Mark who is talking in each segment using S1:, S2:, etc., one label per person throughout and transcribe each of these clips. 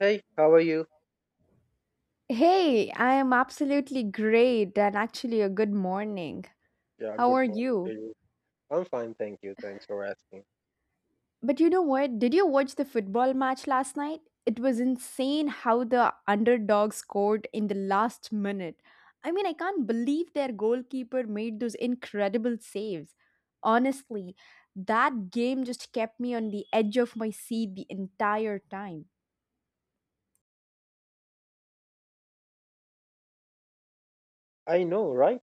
S1: Hey, how are you?
S2: Hey, I am absolutely great and actually a good morning.
S1: Yeah,
S2: How
S1: good
S2: are
S1: morning to
S2: you?
S1: you. I'm fine, thank you. Thanks for asking.
S2: But you know what? Did you watch the football match last night? It was insane how the underdog scored in the last minute. I mean, I can't believe their goalkeeper made those incredible saves. Honestly, that game just kept me on the edge of my seat the entire time.
S1: I know, right?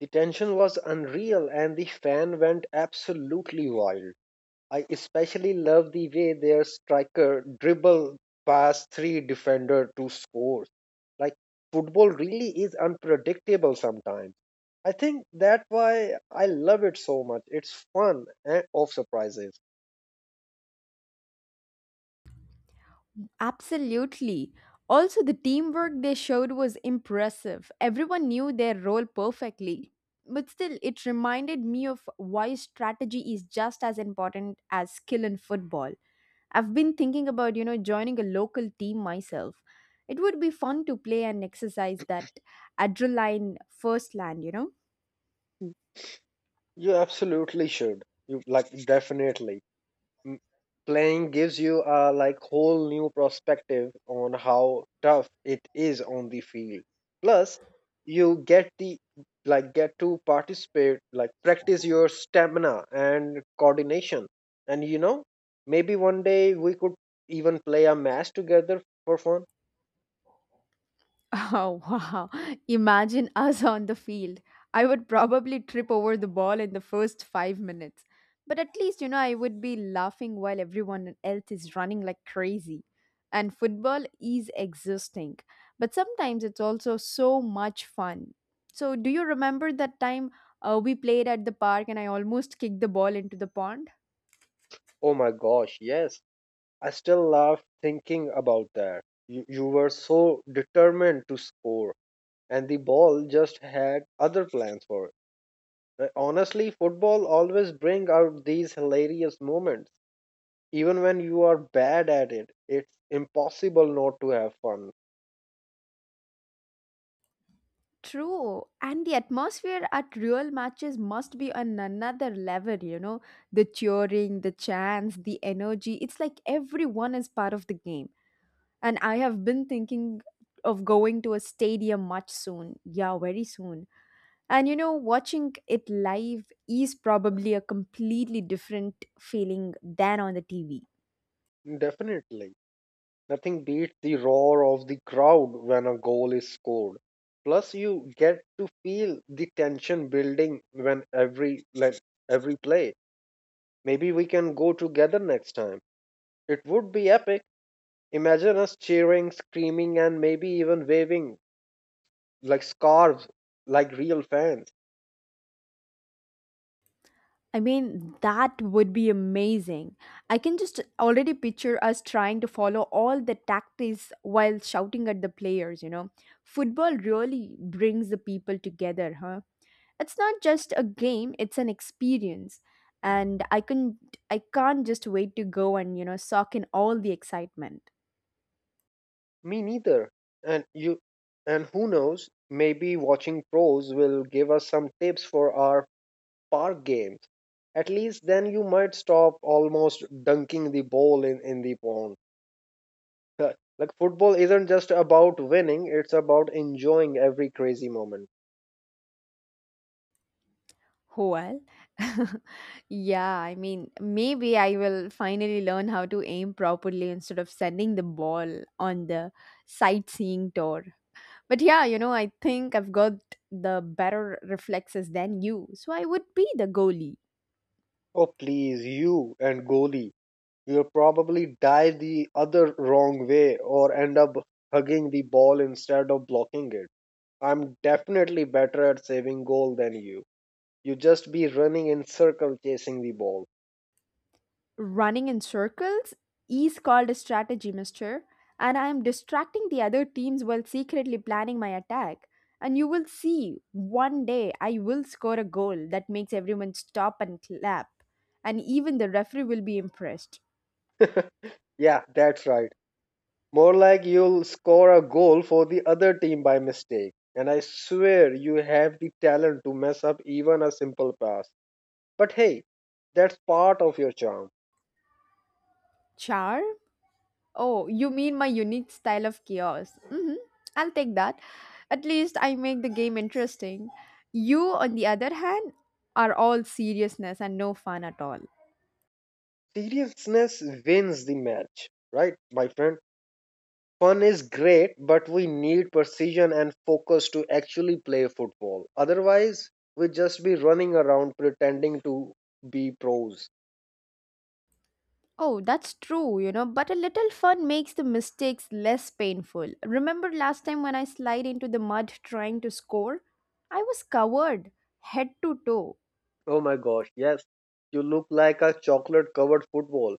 S1: The tension was unreal and the fan went absolutely wild. I especially love the way their striker dribbled past three defender to score. Like football really is unpredictable sometimes. I think that's why I love it so much. It's fun and of surprises.
S2: Absolutely. Also, the teamwork they showed was impressive. Everyone knew their role perfectly. But still, it reminded me of why strategy is just as important as skill in football. I've been thinking about, you know, joining a local team myself. It would be fun to play and exercise that adrenaline first land, you know?
S1: You absolutely should. You like definitely. m- Playing gives you a like whole new perspective on how tough it is on the field. Plus you get the like get to participate like practice your stamina and coordination, and maybe one day we could even play a match together for fun.
S2: Oh, wow. Imagine us on the field. I would probably trip over the ball in the first 5 minutes. But at least, you know, I would be laughing while everyone else is running like crazy. And football is exhausting, but sometimes it's also so much fun. So, do you remember that time we played at the park and I almost kicked the ball into the pond?
S1: Oh my gosh, yes. I still laugh thinking about that. You were so determined to score, and the ball just had other plans for it. Honestly, football always bring out these hilarious moments. Even when you are bad at it, it's impossible not to have fun.
S2: True, and the atmosphere at real matches must be on another level, you know. The cheering, the chants, the energy. It's like everyone is part of the game. And I have been thinking of going to a stadium much soon. Yeah, very soon. And you know, watching it live is probably a completely different feeling than on the TV.
S1: Definitely. Nothing beats the roar of the crowd when a goal is scored. Plus you get to feel the tension building when every play. Maybe we can go together next time. It would be epic. Imagine us cheering, screaming and maybe even waving like scarves like real fans.
S2: I mean, that would be amazing. I can just already picture us trying to follow all the tactics while shouting at the players, you know. Football really brings the people together, huh? It's not just a game, it's an experience. And I can't just wait to go and, you know, soak in all the excitement.
S1: Me neither. And you and who knows, maybe watching pros will give us some tips for our park games. At least then you might stop almost dunking the ball in the pond. Like football isn't just about winning, it's about enjoying every crazy moment.
S2: Well, yeah, I mean, maybe I will finally learn how to aim properly instead of sending the ball on the sightseeing tour. But yeah, you know, I think I've got the better reflexes than you, so I would be the goalie.
S1: Oh please, you and goalie. You'll probably dive the other wrong way or end up hugging the ball instead of blocking it. I'm definitely better at saving goal than you. You just be running in circle chasing the ball.
S2: Running in circles is called a strategy, mister, and I am distracting the other teams while secretly planning my attack. And you will see one day I will score a goal that makes everyone stop and clap, and even the referee will be impressed.
S1: Yeah, that's right. More like you'll score a goal for the other team by mistake. And I swear you have the talent to mess up even a simple pass. But hey, that's part of your charm.
S2: Charm? Oh, you mean my unique style of chaos? Hmm, I'll take that. At least I make the game interesting. You, on the other hand, are all seriousness and no fun at all.
S1: Seriousness wins the match, right, my friend? Fun is great, but we need precision and focus to actually play football. Otherwise, we just be running around pretending to be pros.
S2: Oh, that's true, you know, but a little fun makes the mistakes less painful. Remember last time when I slide into the mud trying to score? I was covered head to toe.
S1: Oh my gosh, yes. You look like a chocolate covered football.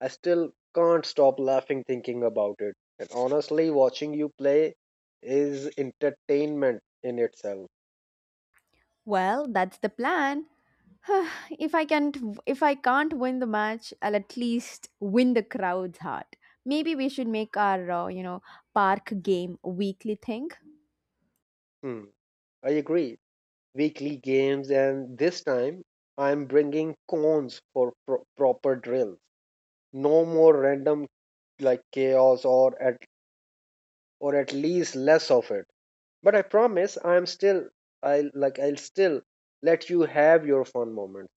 S1: I still can't stop laughing thinking about it. And honestly, watching you play is entertainment in itself.
S2: Well, that's the plan. if I can't if I can't win the match, I'll at least win the crowd's heart. Maybe we should make our, you know, park game weekly thing.
S1: Hmm. I agree. Weekly games, and this time I'm bringing cones for proper drills. No more random chaos, or at least less of it. But I promise, I'll still let you have your fun moment.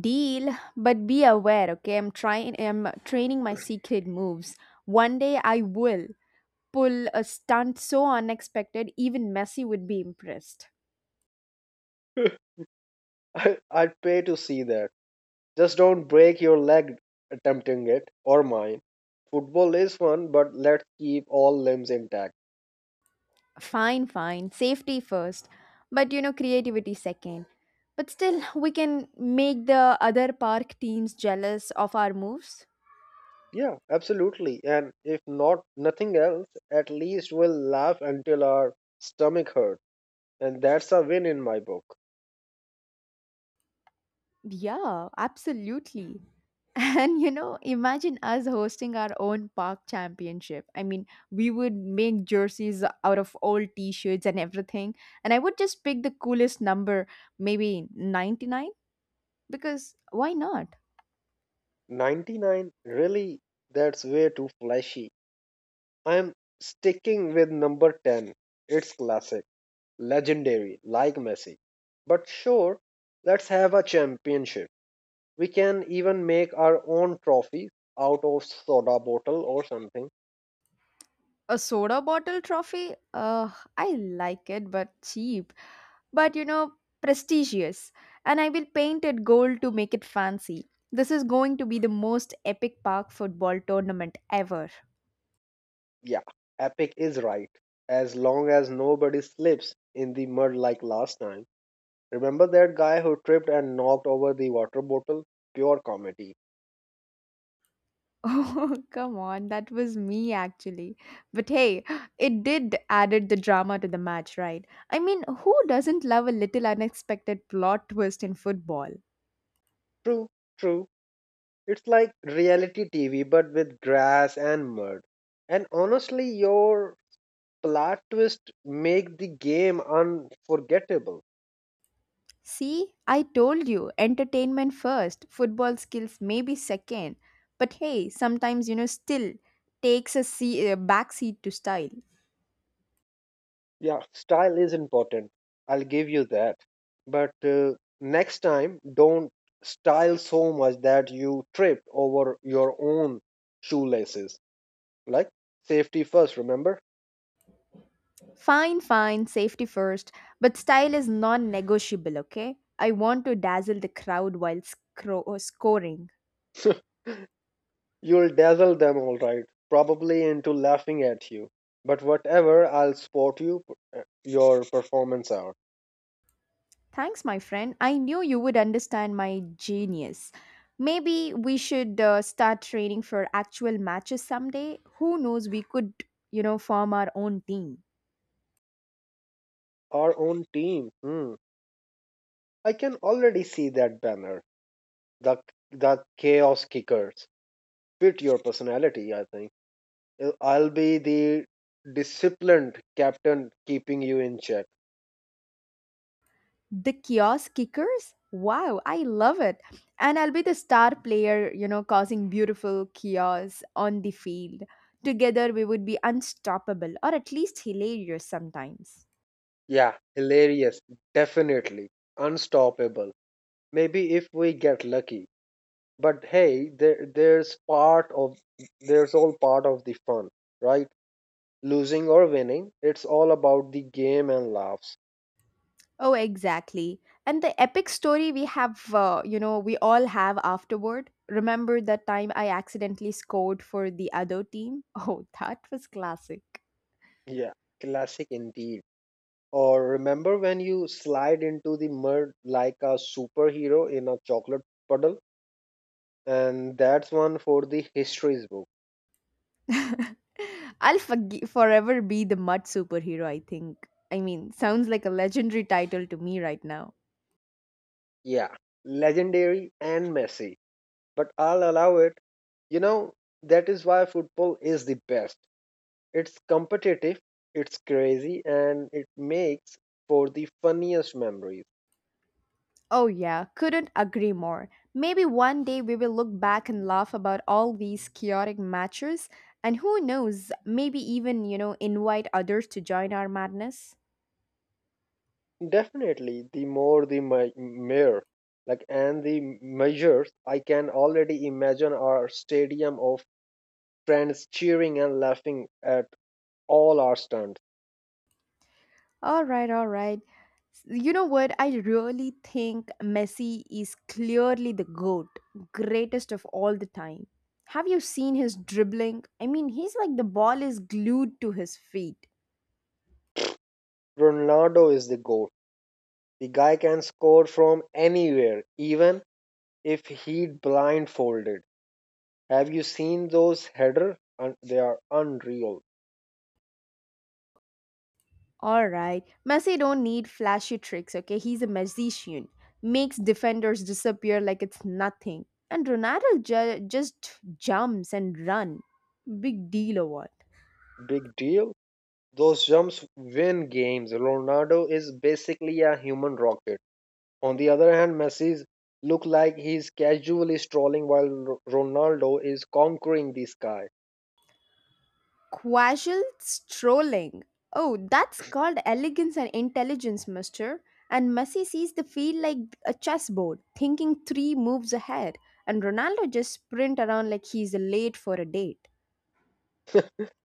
S2: Deal, but be aware, okay? I'm training my secret moves. One day I will pull a stunt so unexpected, even Messi would be impressed.
S1: I'd pay to see that. Just don't break your leg attempting it, or mine. Football is fun, but let's keep all limbs intact.
S2: Fine, fine, safety first, but you know, creativity second. But still, we can make the other park teams jealous of our moves.
S1: Yeah, absolutely. And if not nothing else, at least we'll laugh until our stomach hurt. And that's a win in my book.
S2: Yeah, absolutely. And you know, imagine us hosting our own park championship. I mean, we would make jerseys out of old t shirts and everything. And I would just pick the coolest number, maybe 99, because why not?
S1: 99, really, that's way too flashy. I'm sticking with number 10. It's classic, legendary, like Messi. But sure, let's have a championship. We can even make our own trophy out of soda bottle or something.
S2: A soda bottle trophy? I like it, but cheap. But you know, prestigious. And I will paint it gold to make it fancy. This is going to be the most epic park football tournament ever.
S1: Yeah, epic is right. As long as nobody slips in the mud like last time. Remember that guy who tripped and knocked over the water bottle? Pure comedy.
S2: Oh, come on, that was me actually. But hey, it did added the drama to the match, right? I mean, who doesn't love a little unexpected plot twist in football?
S1: True, true. It's like reality TV but with grass and mud. And honestly, your plot twist make the game unforgettable.
S2: See, I told you, entertainment first, football skills maybe second. But hey, sometimes, you know, still takes a, a backseat to style.
S1: Yeah, style is important. I'll give you that. But next time, don't style so much that you trip over your own shoelaces. Like safety first, remember?
S2: Fine, fine, safety first, but style is non negotiable, okay? I want to dazzle the crowd while scoring.
S1: You'll dazzle them all right, probably into laughing at you. But whatever, I'll support you your performance out.
S2: Thanks, my friend. I knew you would understand my genius. Maybe we should start training for actual matches someday. Who knows, we could, you know, form our own team.
S1: Our own team. Hmm. I can already see that banner. The the chaos kickers fit your personality, I think. I'll be the disciplined captain keeping you in check.
S2: The kiosk kickers? Wow, I love it. And I'll be the star player, you know, causing beautiful chaos on the field. Together we would be unstoppable or at least hilarious sometimes.
S1: Yeah, hilarious. Definitely. Unstoppable. Maybe if we get lucky. But hey, there's all part of the fun, right? Losing or winning, it's all about the game and laughs.
S2: Oh, exactly. And the epic story we have, you know, we all have afterward. Remember that time I accidentally scored for the other team? Oh, that was classic.
S1: Yeah, classic indeed. Or remember when you slide into the mud like a superhero in a chocolate puddle? And that's one for the histories book.
S2: Forever be the mud superhero, I think. I mean, sounds like a legendary title to me right now.
S1: Yeah, legendary and messy, but I'll allow it. You know that is why football is the best. It's competitive, it's crazy, and it makes for the funniest memories.
S2: Oh, yeah, couldn't agree more. Maybe one day we will look back and laugh about all these chaotic matches, and who knows, maybe even, you know, invite others to join our madness.
S1: Definitely, the more the mere, like, and the measures, I can already imagine our stadium of friends cheering and laughing at all our stunts.
S2: All right, all right. You know what? I really think Messi is clearly the GOAT, greatest of all the time. Have you seen his dribbling? I mean, he's like the ball is glued to his feet.
S1: Ronaldo is the goat. The guy can score from anywhere, even if Heat blindfolded. Have you seen those header? They are unreal.
S2: All right. Messi don't need flashy tricks, okay? He's a magician. Makes defenders disappear like it's nothing. And Ronaldo just jumps and run. Big deal or what?
S1: Big deal. Those jumps win games. Ronaldo is basically a human rocket. On the other hand, Messi's look like he's casually strolling while Ronaldo is conquering the sky.
S2: Casual strolling. Oh, that's called elegance and intelligence, mister. And Messi sees the field like a chessboard, thinking three moves ahead. And Ronaldo just sprint around like he's late for a date.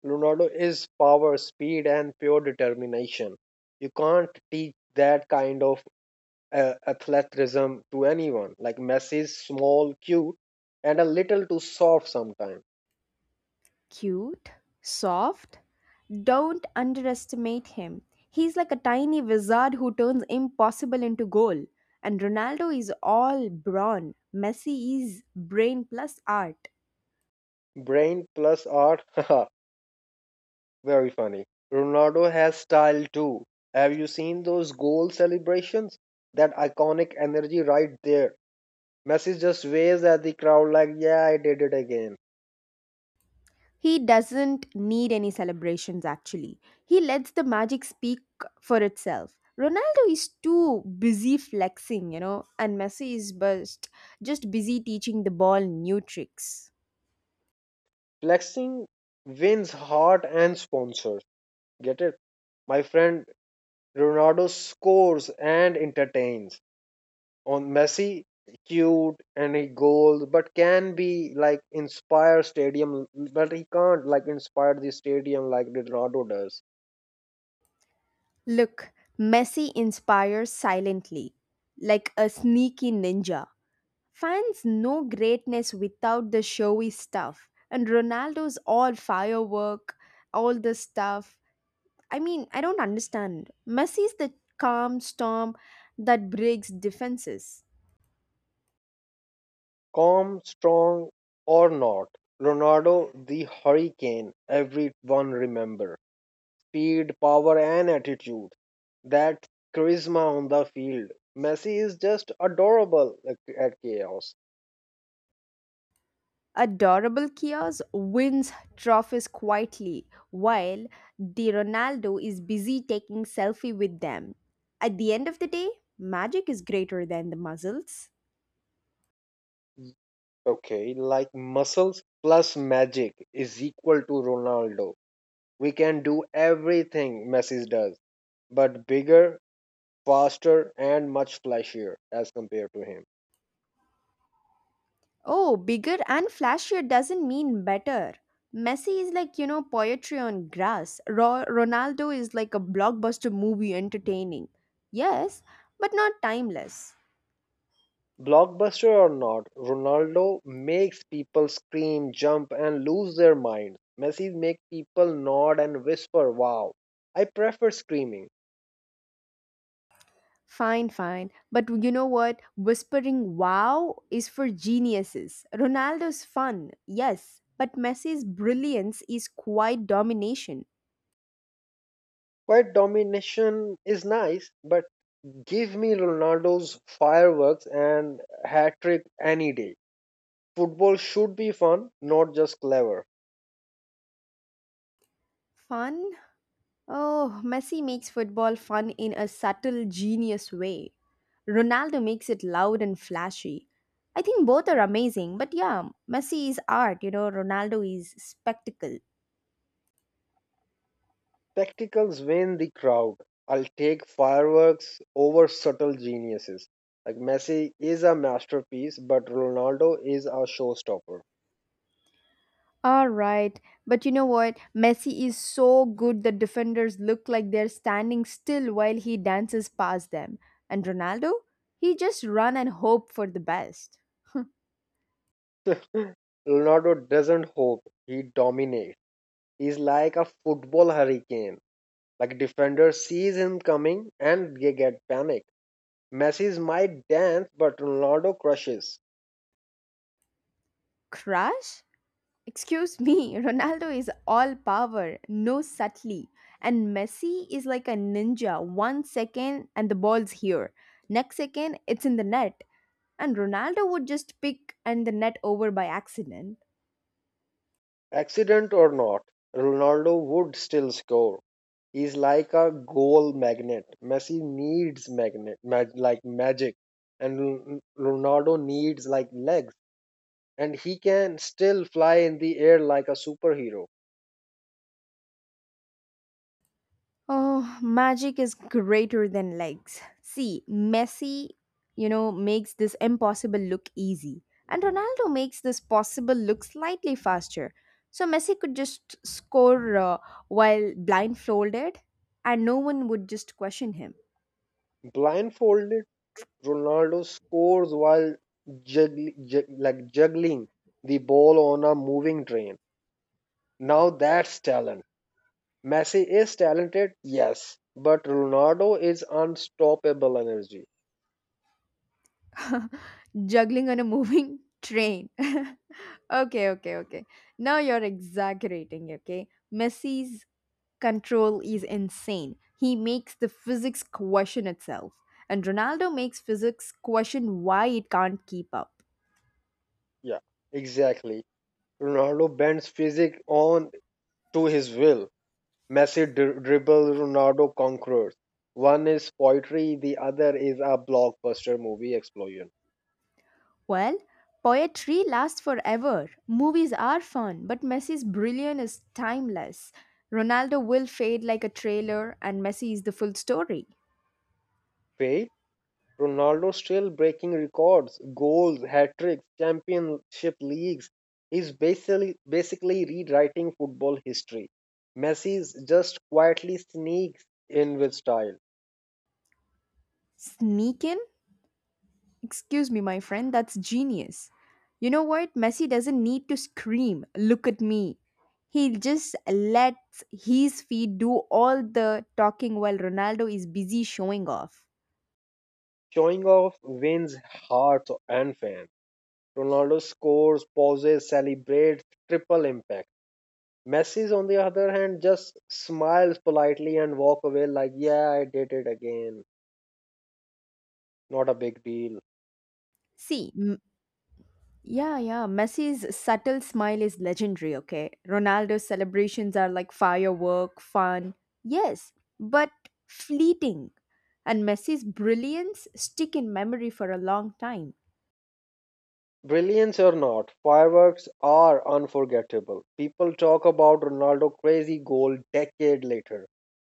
S1: Ronaldo is power, speed, and pure determination. You can't teach that kind of athleticism to anyone. Like Messi is small, cute, and a little too soft sometimes.
S2: Cute, soft. Don't underestimate him. He's like a tiny wizard who turns impossible into goal. And Ronaldo is all brawn. Messi is brain plus art.
S1: Brain plus art, haha, very funny. Ronaldo has style too. Have you seen those goal celebrations? That iconic energy right there. Messi just waves at the crowd like, yeah, I did it again.
S2: He doesn't need any celebrations actually. He lets the magic speak for itself. Ronaldo is too busy flexing, you know, and Messi is just busy teaching the ball new tricks.
S1: Flexing wins heart and sponsors. Get it? My friend Ronaldo scores and entertains. On Messi, cute and he goals, but can be like inspire stadium, but he can't inspire the stadium like Ronaldo does.
S2: Look, Messi inspires silently, like a sneaky ninja. Fans know greatness without the showy stuff, and Ronaldo's all firework, all this stuff. I mean, I don't understand. Messi's the calm storm that breaks defenses.
S1: Calm, strong, or not, Ronaldo the hurricane everyone remember. Speed, power, and attitude. That charisma on the field. Messi is just adorable at chaos.
S2: Adorable Kios wins trophies quietly while the Ronaldo is busy taking selfie with them. At the end of the day, magic is greater than the muscles.
S1: Okay, like muscles plus magic is equal to Ronaldo. We can do everything Messi does, but bigger, faster, and much flashier as compared to him.
S2: Oh, bigger and flashier doesn't mean better. Messi is like, you know, poetry on grass. Ronaldo is like a blockbuster movie entertaining. Yes, but not timeless.
S1: Blockbuster or not, Ronaldo makes people scream, jump, and lose their minds. Messi make people nod and whisper, wow. I prefer screaming.
S2: Fine, fine. But you know what? Whispering wow is for geniuses. Ronaldo's fun, yes, but Messi's brilliance is quite domination.
S1: Quiet domination is nice, but give me Ronaldo's fireworks and hat trick any day. Football should be fun, not just clever.
S2: Fun? Oh, Messi makes football fun in a subtle, genius way. Ronaldo makes it loud and flashy. I think both are amazing, but yeah, Messi is art, you know, Ronaldo is spectacle.
S1: Spectacles win the crowd. I'll take fireworks over subtle geniuses. Like Messi is a masterpiece, but Ronaldo is a showstopper.
S2: All right, but you know what? Messi is so good that defenders look like they're standing still while he dances past them. And Ronaldo? He just run and hope for the best.
S1: Ronaldo doesn't hope, he dominates. He's like a football hurricane. Like defender sees him coming and they get panic. Messi's might dance, but Ronaldo crushes.
S2: Crush? Excuse me, Ronaldo is all power, no subtlety. And Messi is like a ninja. One second and the ball's here. Next second, it's in the net. And Ronaldo would just pick and the net over by accident.
S1: Accident or not, Ronaldo would still score. Is like a goal magnet. Messi needs magnet, mag, like magic, and Ronaldo needs like legs, and he can still fly in the air like a superhero.
S2: Oh, magic is greater than legs. See, Messi, you know, makes this impossible look easy, and Ronaldo makes this possible look slightly faster. So Messi could just score while blindfolded, and no one would just question him.
S1: Blindfolded, Ronaldo scores while juggling the ball on a moving train. Now that's talent. Messi is talented, yes, but Ronaldo is unstoppable energy.
S2: Juggling on a moving train. Okay, okay, okay. Now you're exaggerating, okay? Messi's control is insane. He makes the physics question itself. And Ronaldo makes physics question why it can't keep up.
S1: Yeah, exactly. Ronaldo bends physics on to his will. Messi dribble, Ronaldo conquers. One is poetry, the other is a blockbuster movie explosion.
S2: Well, poetry lasts forever. Movies are fun, but Messi's brilliance is timeless. Ronaldo will fade like a trailer, and Messi is the full story.
S1: Fate, Ronaldo still breaking records, goals, hat tricks, championship leagues. He's basically rewriting football history. Messi's just quietly sneaks in with style,
S2: Sneak in? Excuse me, my friend, that's genius. You know what? Messi doesn't need to scream, look at me. He just lets his feet do all the talking while Ronaldo is busy showing off.
S1: showing off wins hearts and fans. Ronaldo scores, pauses, celebrates, triple impact. Messi, on the other hand, just smiles politely and walk away like, yeah, I did it again. Not a big deal.
S2: See, yeah, yeah, Messi's subtle smile is legendary, okay? Ronaldo's celebrations are like firework, fun, yes, but fleeting. And Messi's brilliance stick in memory for a long time.
S1: Brilliance or not, fireworks are unforgettable. People talk about Ronaldo's crazy goal decade later.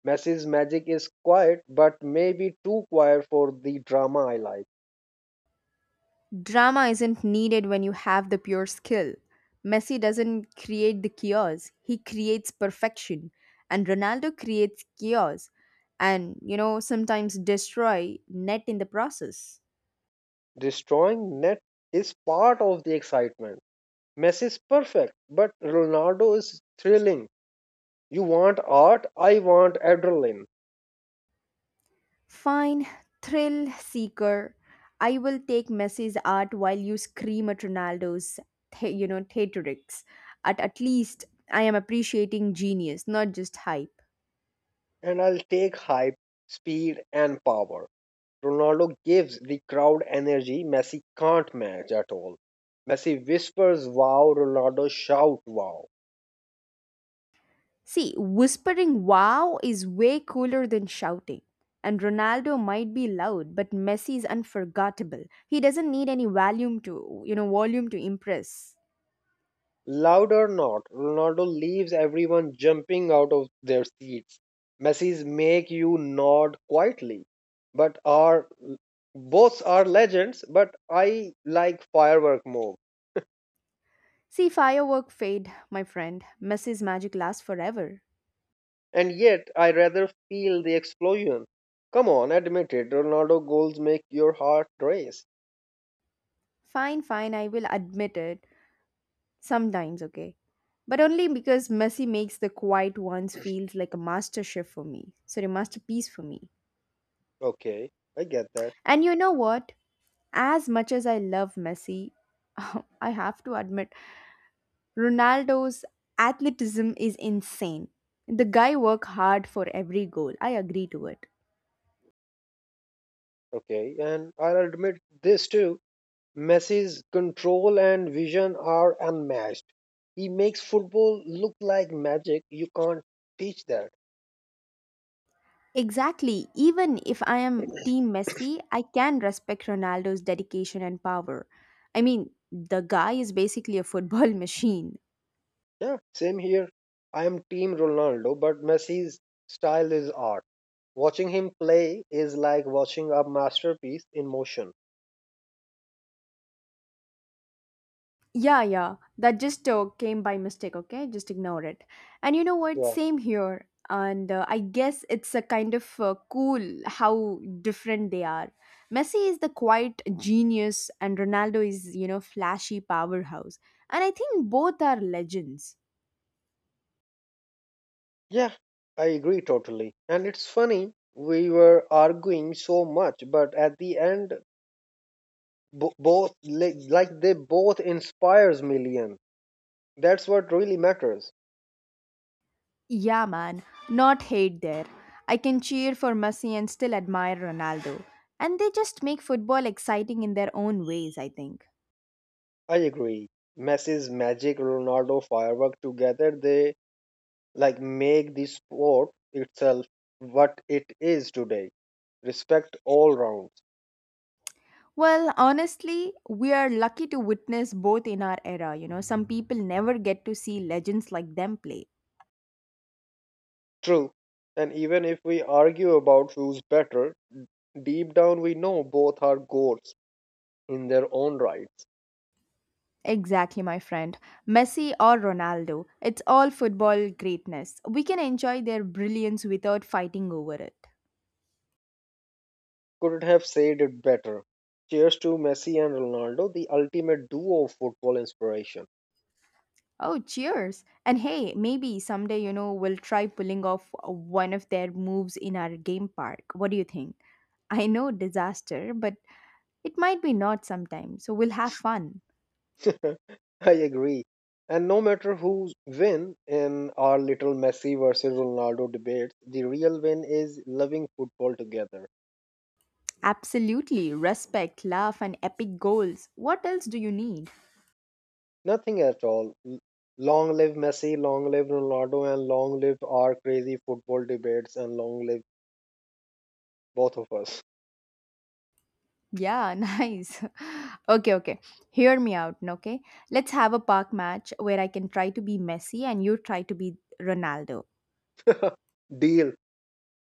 S1: Messi's magic is quiet, but maybe too quiet for the drama I like.
S2: Drama isn't needed when you have the pure skill. Messi doesn't create the chaos, he creates perfection. And Ronaldo creates chaos and, you know, sometimes destroy net in the process.
S1: Destroying net is part of the excitement. Messi is perfect, but Ronaldo is thrilling. You want art, I want adrenaline.
S2: Fine, thrill seeker. I will take Messi's art while you scream at Ronaldo's, you know, theatrics. At least I am appreciating genius, not just hype.
S1: And I'll take hype, speed, and power. Ronaldo gives the crowd energy Messi can't match at all. Messi whispers wow, Ronaldo shout wow.
S2: See, whispering wow is way cooler than shouting. And Ronaldo might be loud, but Messi is unforgettable. He doesn't need any volume to impress.
S1: Loud or not, Ronaldo leaves everyone jumping out of their seats. Messi's make you nod quietly, but are both are legends, but I like firework more.
S2: See, firework fade, my friend. Messi's magic lasts forever.
S1: And yet, I rather feel the explosion. Come on, admit it. Ronaldo goals make your heart race.
S2: Fine, fine, I will admit it. Sometimes, okay. But only because Messi makes the quiet ones feels like a masterpiece for me.
S1: Okay, I get that.
S2: And you know what? As much as I love Messi, I have to admit Ronaldo's athleticism is insane. The guy work hard for every goal. I agree to it.
S1: Okay, and I'll admit this too. Messi's control and vision are unmatched. He makes football look like magic. You can't teach that.
S2: Exactly. Even if I am team Messi, I can respect Ronaldo's dedication and power. I mean, the guy is basically a football machine.
S1: Yeah, same here. I am team Ronaldo, but Messi's style is art. Watching him play is like watching a masterpiece in motion.
S2: Yeah, yeah. That just came by mistake, okay? Just ignore it. And you know what?
S1: Yeah.
S2: Same here. And I guess it's a kind of cool how different they are. Messi is the quiet genius, and Ronaldo is, you know, flashy powerhouse. And I think both are legends.
S1: Yeah, I agree totally. And it's funny, we were arguing so much, but at the end, bo- both like they both inspires million. That's what really matters.
S2: Yeah, man. Not hate there. I can cheer for Messi and still admire Ronaldo. And they just make football exciting in their own ways, I think.
S1: I agree. Messi's magic, Ronaldo firework together, they like make the sport itself what it is today. Respect all rounds.
S2: Well, honestly, we are lucky to witness both in our era. You know, some people never get to see legends like them play.
S1: True. And even if we argue about who's better, deep down we know both are goats in their own right.
S2: Exactly, my friend. Messi or Ronaldo, it's all football greatness. We can enjoy their brilliance without fighting over it.
S1: Couldn't have said it better. Cheers to Messi and Ronaldo, the ultimate duo of football inspiration.
S2: Oh, cheers. And hey, maybe someday, you know, we'll try pulling off one of their moves in our game park. What do you think? I know disaster, but it might be not sometimes, so we'll have fun.
S1: I agree. And no matter who win in our little Messi versus Ronaldo debates, the real win is loving football together.
S2: Absolutely. Respect, love, and epic goals. What else do you need?
S1: Nothing at all. Long live Messi, long live Ronaldo, and long live our crazy football debates, and long live both of us.
S2: Yeah, nice. Okay, okay. Hear me out, okay? Let's have a park match where I can try to be Messi and you try to be Ronaldo.
S1: Deal.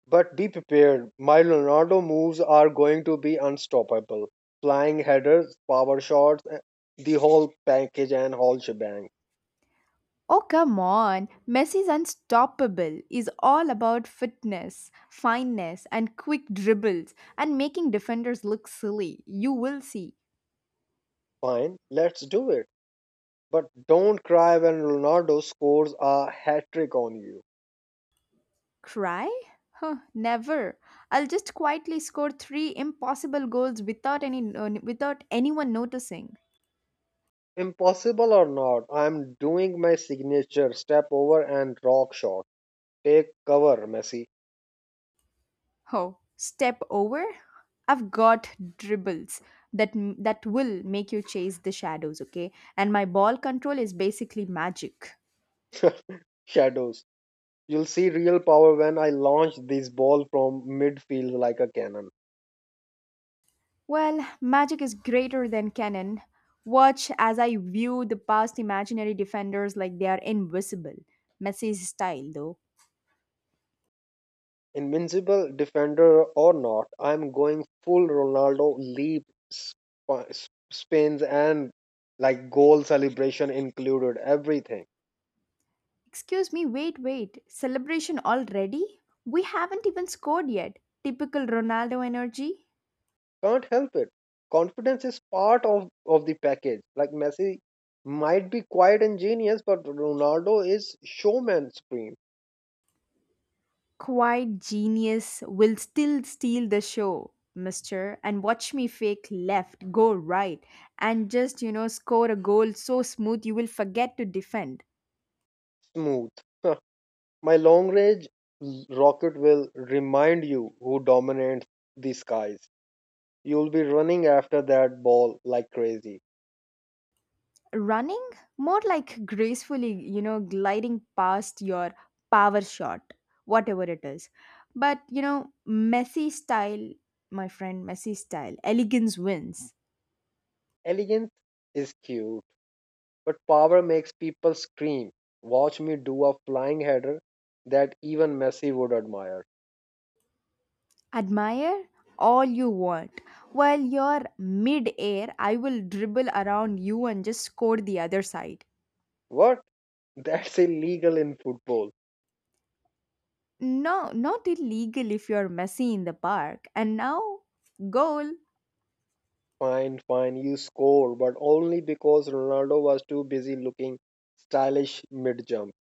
S1: But be prepared, my Ronaldo moves are going to be unstoppable. Flying headers, power shots, eh, the whole package and whole shebang.
S2: Oh, come on. Messi's unstoppable is all about fitness, fineness, and quick dribbles and making defenders look silly. You will see.
S1: Fine, let's do it. But don't cry when Ronaldo scores a hat trick on you.
S2: Cry? Huh, never. I'll just quietly score three impossible goals without any without anyone noticing.
S1: Impossible or not, I'm doing my signature step over and rock shot. Take cover, Messi.
S2: Oh, step over? I've got dribbles that that will make you chase the shadows, okay? And my ball control is basically magic.
S1: Shadows. You'll see real power when I launch this ball from midfield like a cannon.
S2: Well, magic is greater than canon. Watch as I view the past imaginary defenders like they are invisible. Messi's style, though.
S1: Invincible defender or not, I'm going full Ronaldo leap, spins, and like goal celebration included. Everything.
S2: Excuse me, wait, wait. Celebration already? We haven't even scored yet. Typical Ronaldo energy.
S1: Can't help it. Confidence is part of the package. Like Messi might be quite ingenious, but Ronaldo is showman supreme,
S2: Quiet genius will still steal the show, mister, and watch me fake left, go right, and just, you know, score a goal so smooth you will forget to defend.
S1: smooth. Huh. My long range rocket will remind you who dominates the skies. You'll be running after that ball like crazy.
S2: Running, more like gracefully, you know, gliding past your power shot, whatever it is. But you know, messy style, my friend. Messy style elegance wins.
S1: Elegance is cute, but power makes people scream. Watch me do a flying header that even Messi would admire.
S2: Admire all you want. While you're mid-air, I will dribble around you and just score the other side.
S1: What? That's illegal in football.
S2: No, not illegal if you're messy in the park, and now goal.
S1: Fine, fine, you score, but only because Ronaldo was too busy looking stylish mid jump.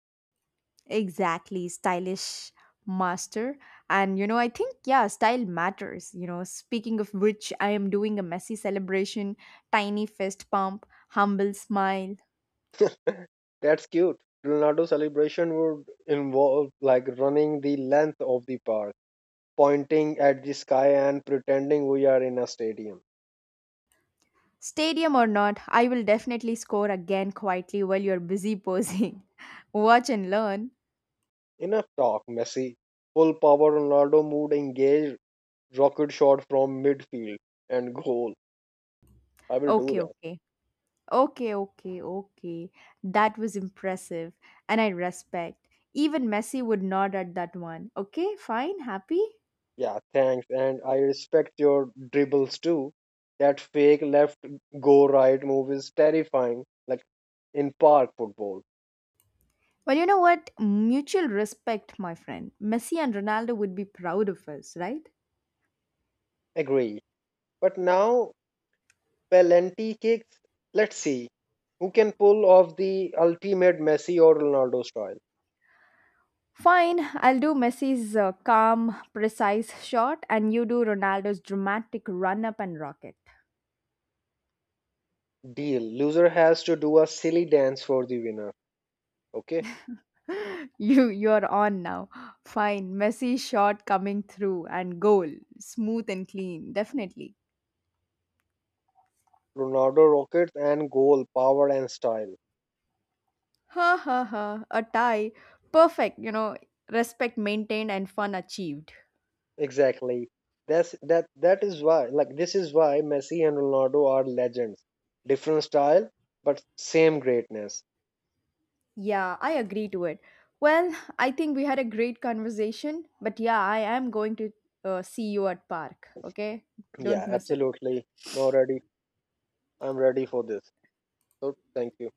S2: Exactly, stylish master. And you know, I think, yeah, style matters. You know, speaking of which, I am doing a messy celebration, tiny fist pump, humble smile.
S1: That's cute. Ronaldo celebration would involve like running the length of the park, pointing at the sky and pretending we are in a stadium.
S2: Stadium or not, I will definitely score again quietly while you're busy posing. Watch and learn.
S1: Enough talk, Messi. Full power Ronaldo mood, engage, rocket shot from midfield, and goal. I will do
S2: Okay,
S1: that.
S2: okay. Okay, okay, okay. That was impressive. And I respect. Even Messi would nod at that one. Okay, fine, happy?
S1: Yeah, thanks. And I respect your dribbles too. That fake left go right move is terrifying, like in park football.
S2: Well, you know what? Mutual respect, my friend. Messi and Ronaldo would be proud of us, right?
S1: Agree. But now, Pelenti kicks. Let's see who can pull off the ultimate Messi or Ronaldo style.
S2: Fine, I'll do Messi's calm, precise shot, and you do Ronaldo's dramatic run up and rocket.
S1: Deal. Loser has to do a silly dance for the winner. Okay.
S2: You're on now. Fine, Messi shot coming through and goal, smooth and clean, definitely.
S1: Ronaldo rockets and goal, power and style.
S2: Ha ha ha! A tie, perfect. You know, respect maintained and fun achieved.
S1: Exactly. That's that that is why like This is why Messi and Ronaldo are legends. Different style, but same greatness.
S2: Yeah, I agree to it. Well, I think we had a great conversation, but yeah, I am going to see you at park, okay?
S1: Yeah,
S2: Don't miss it.
S1: absolutely. Now ready. I'm ready for this. So thank you.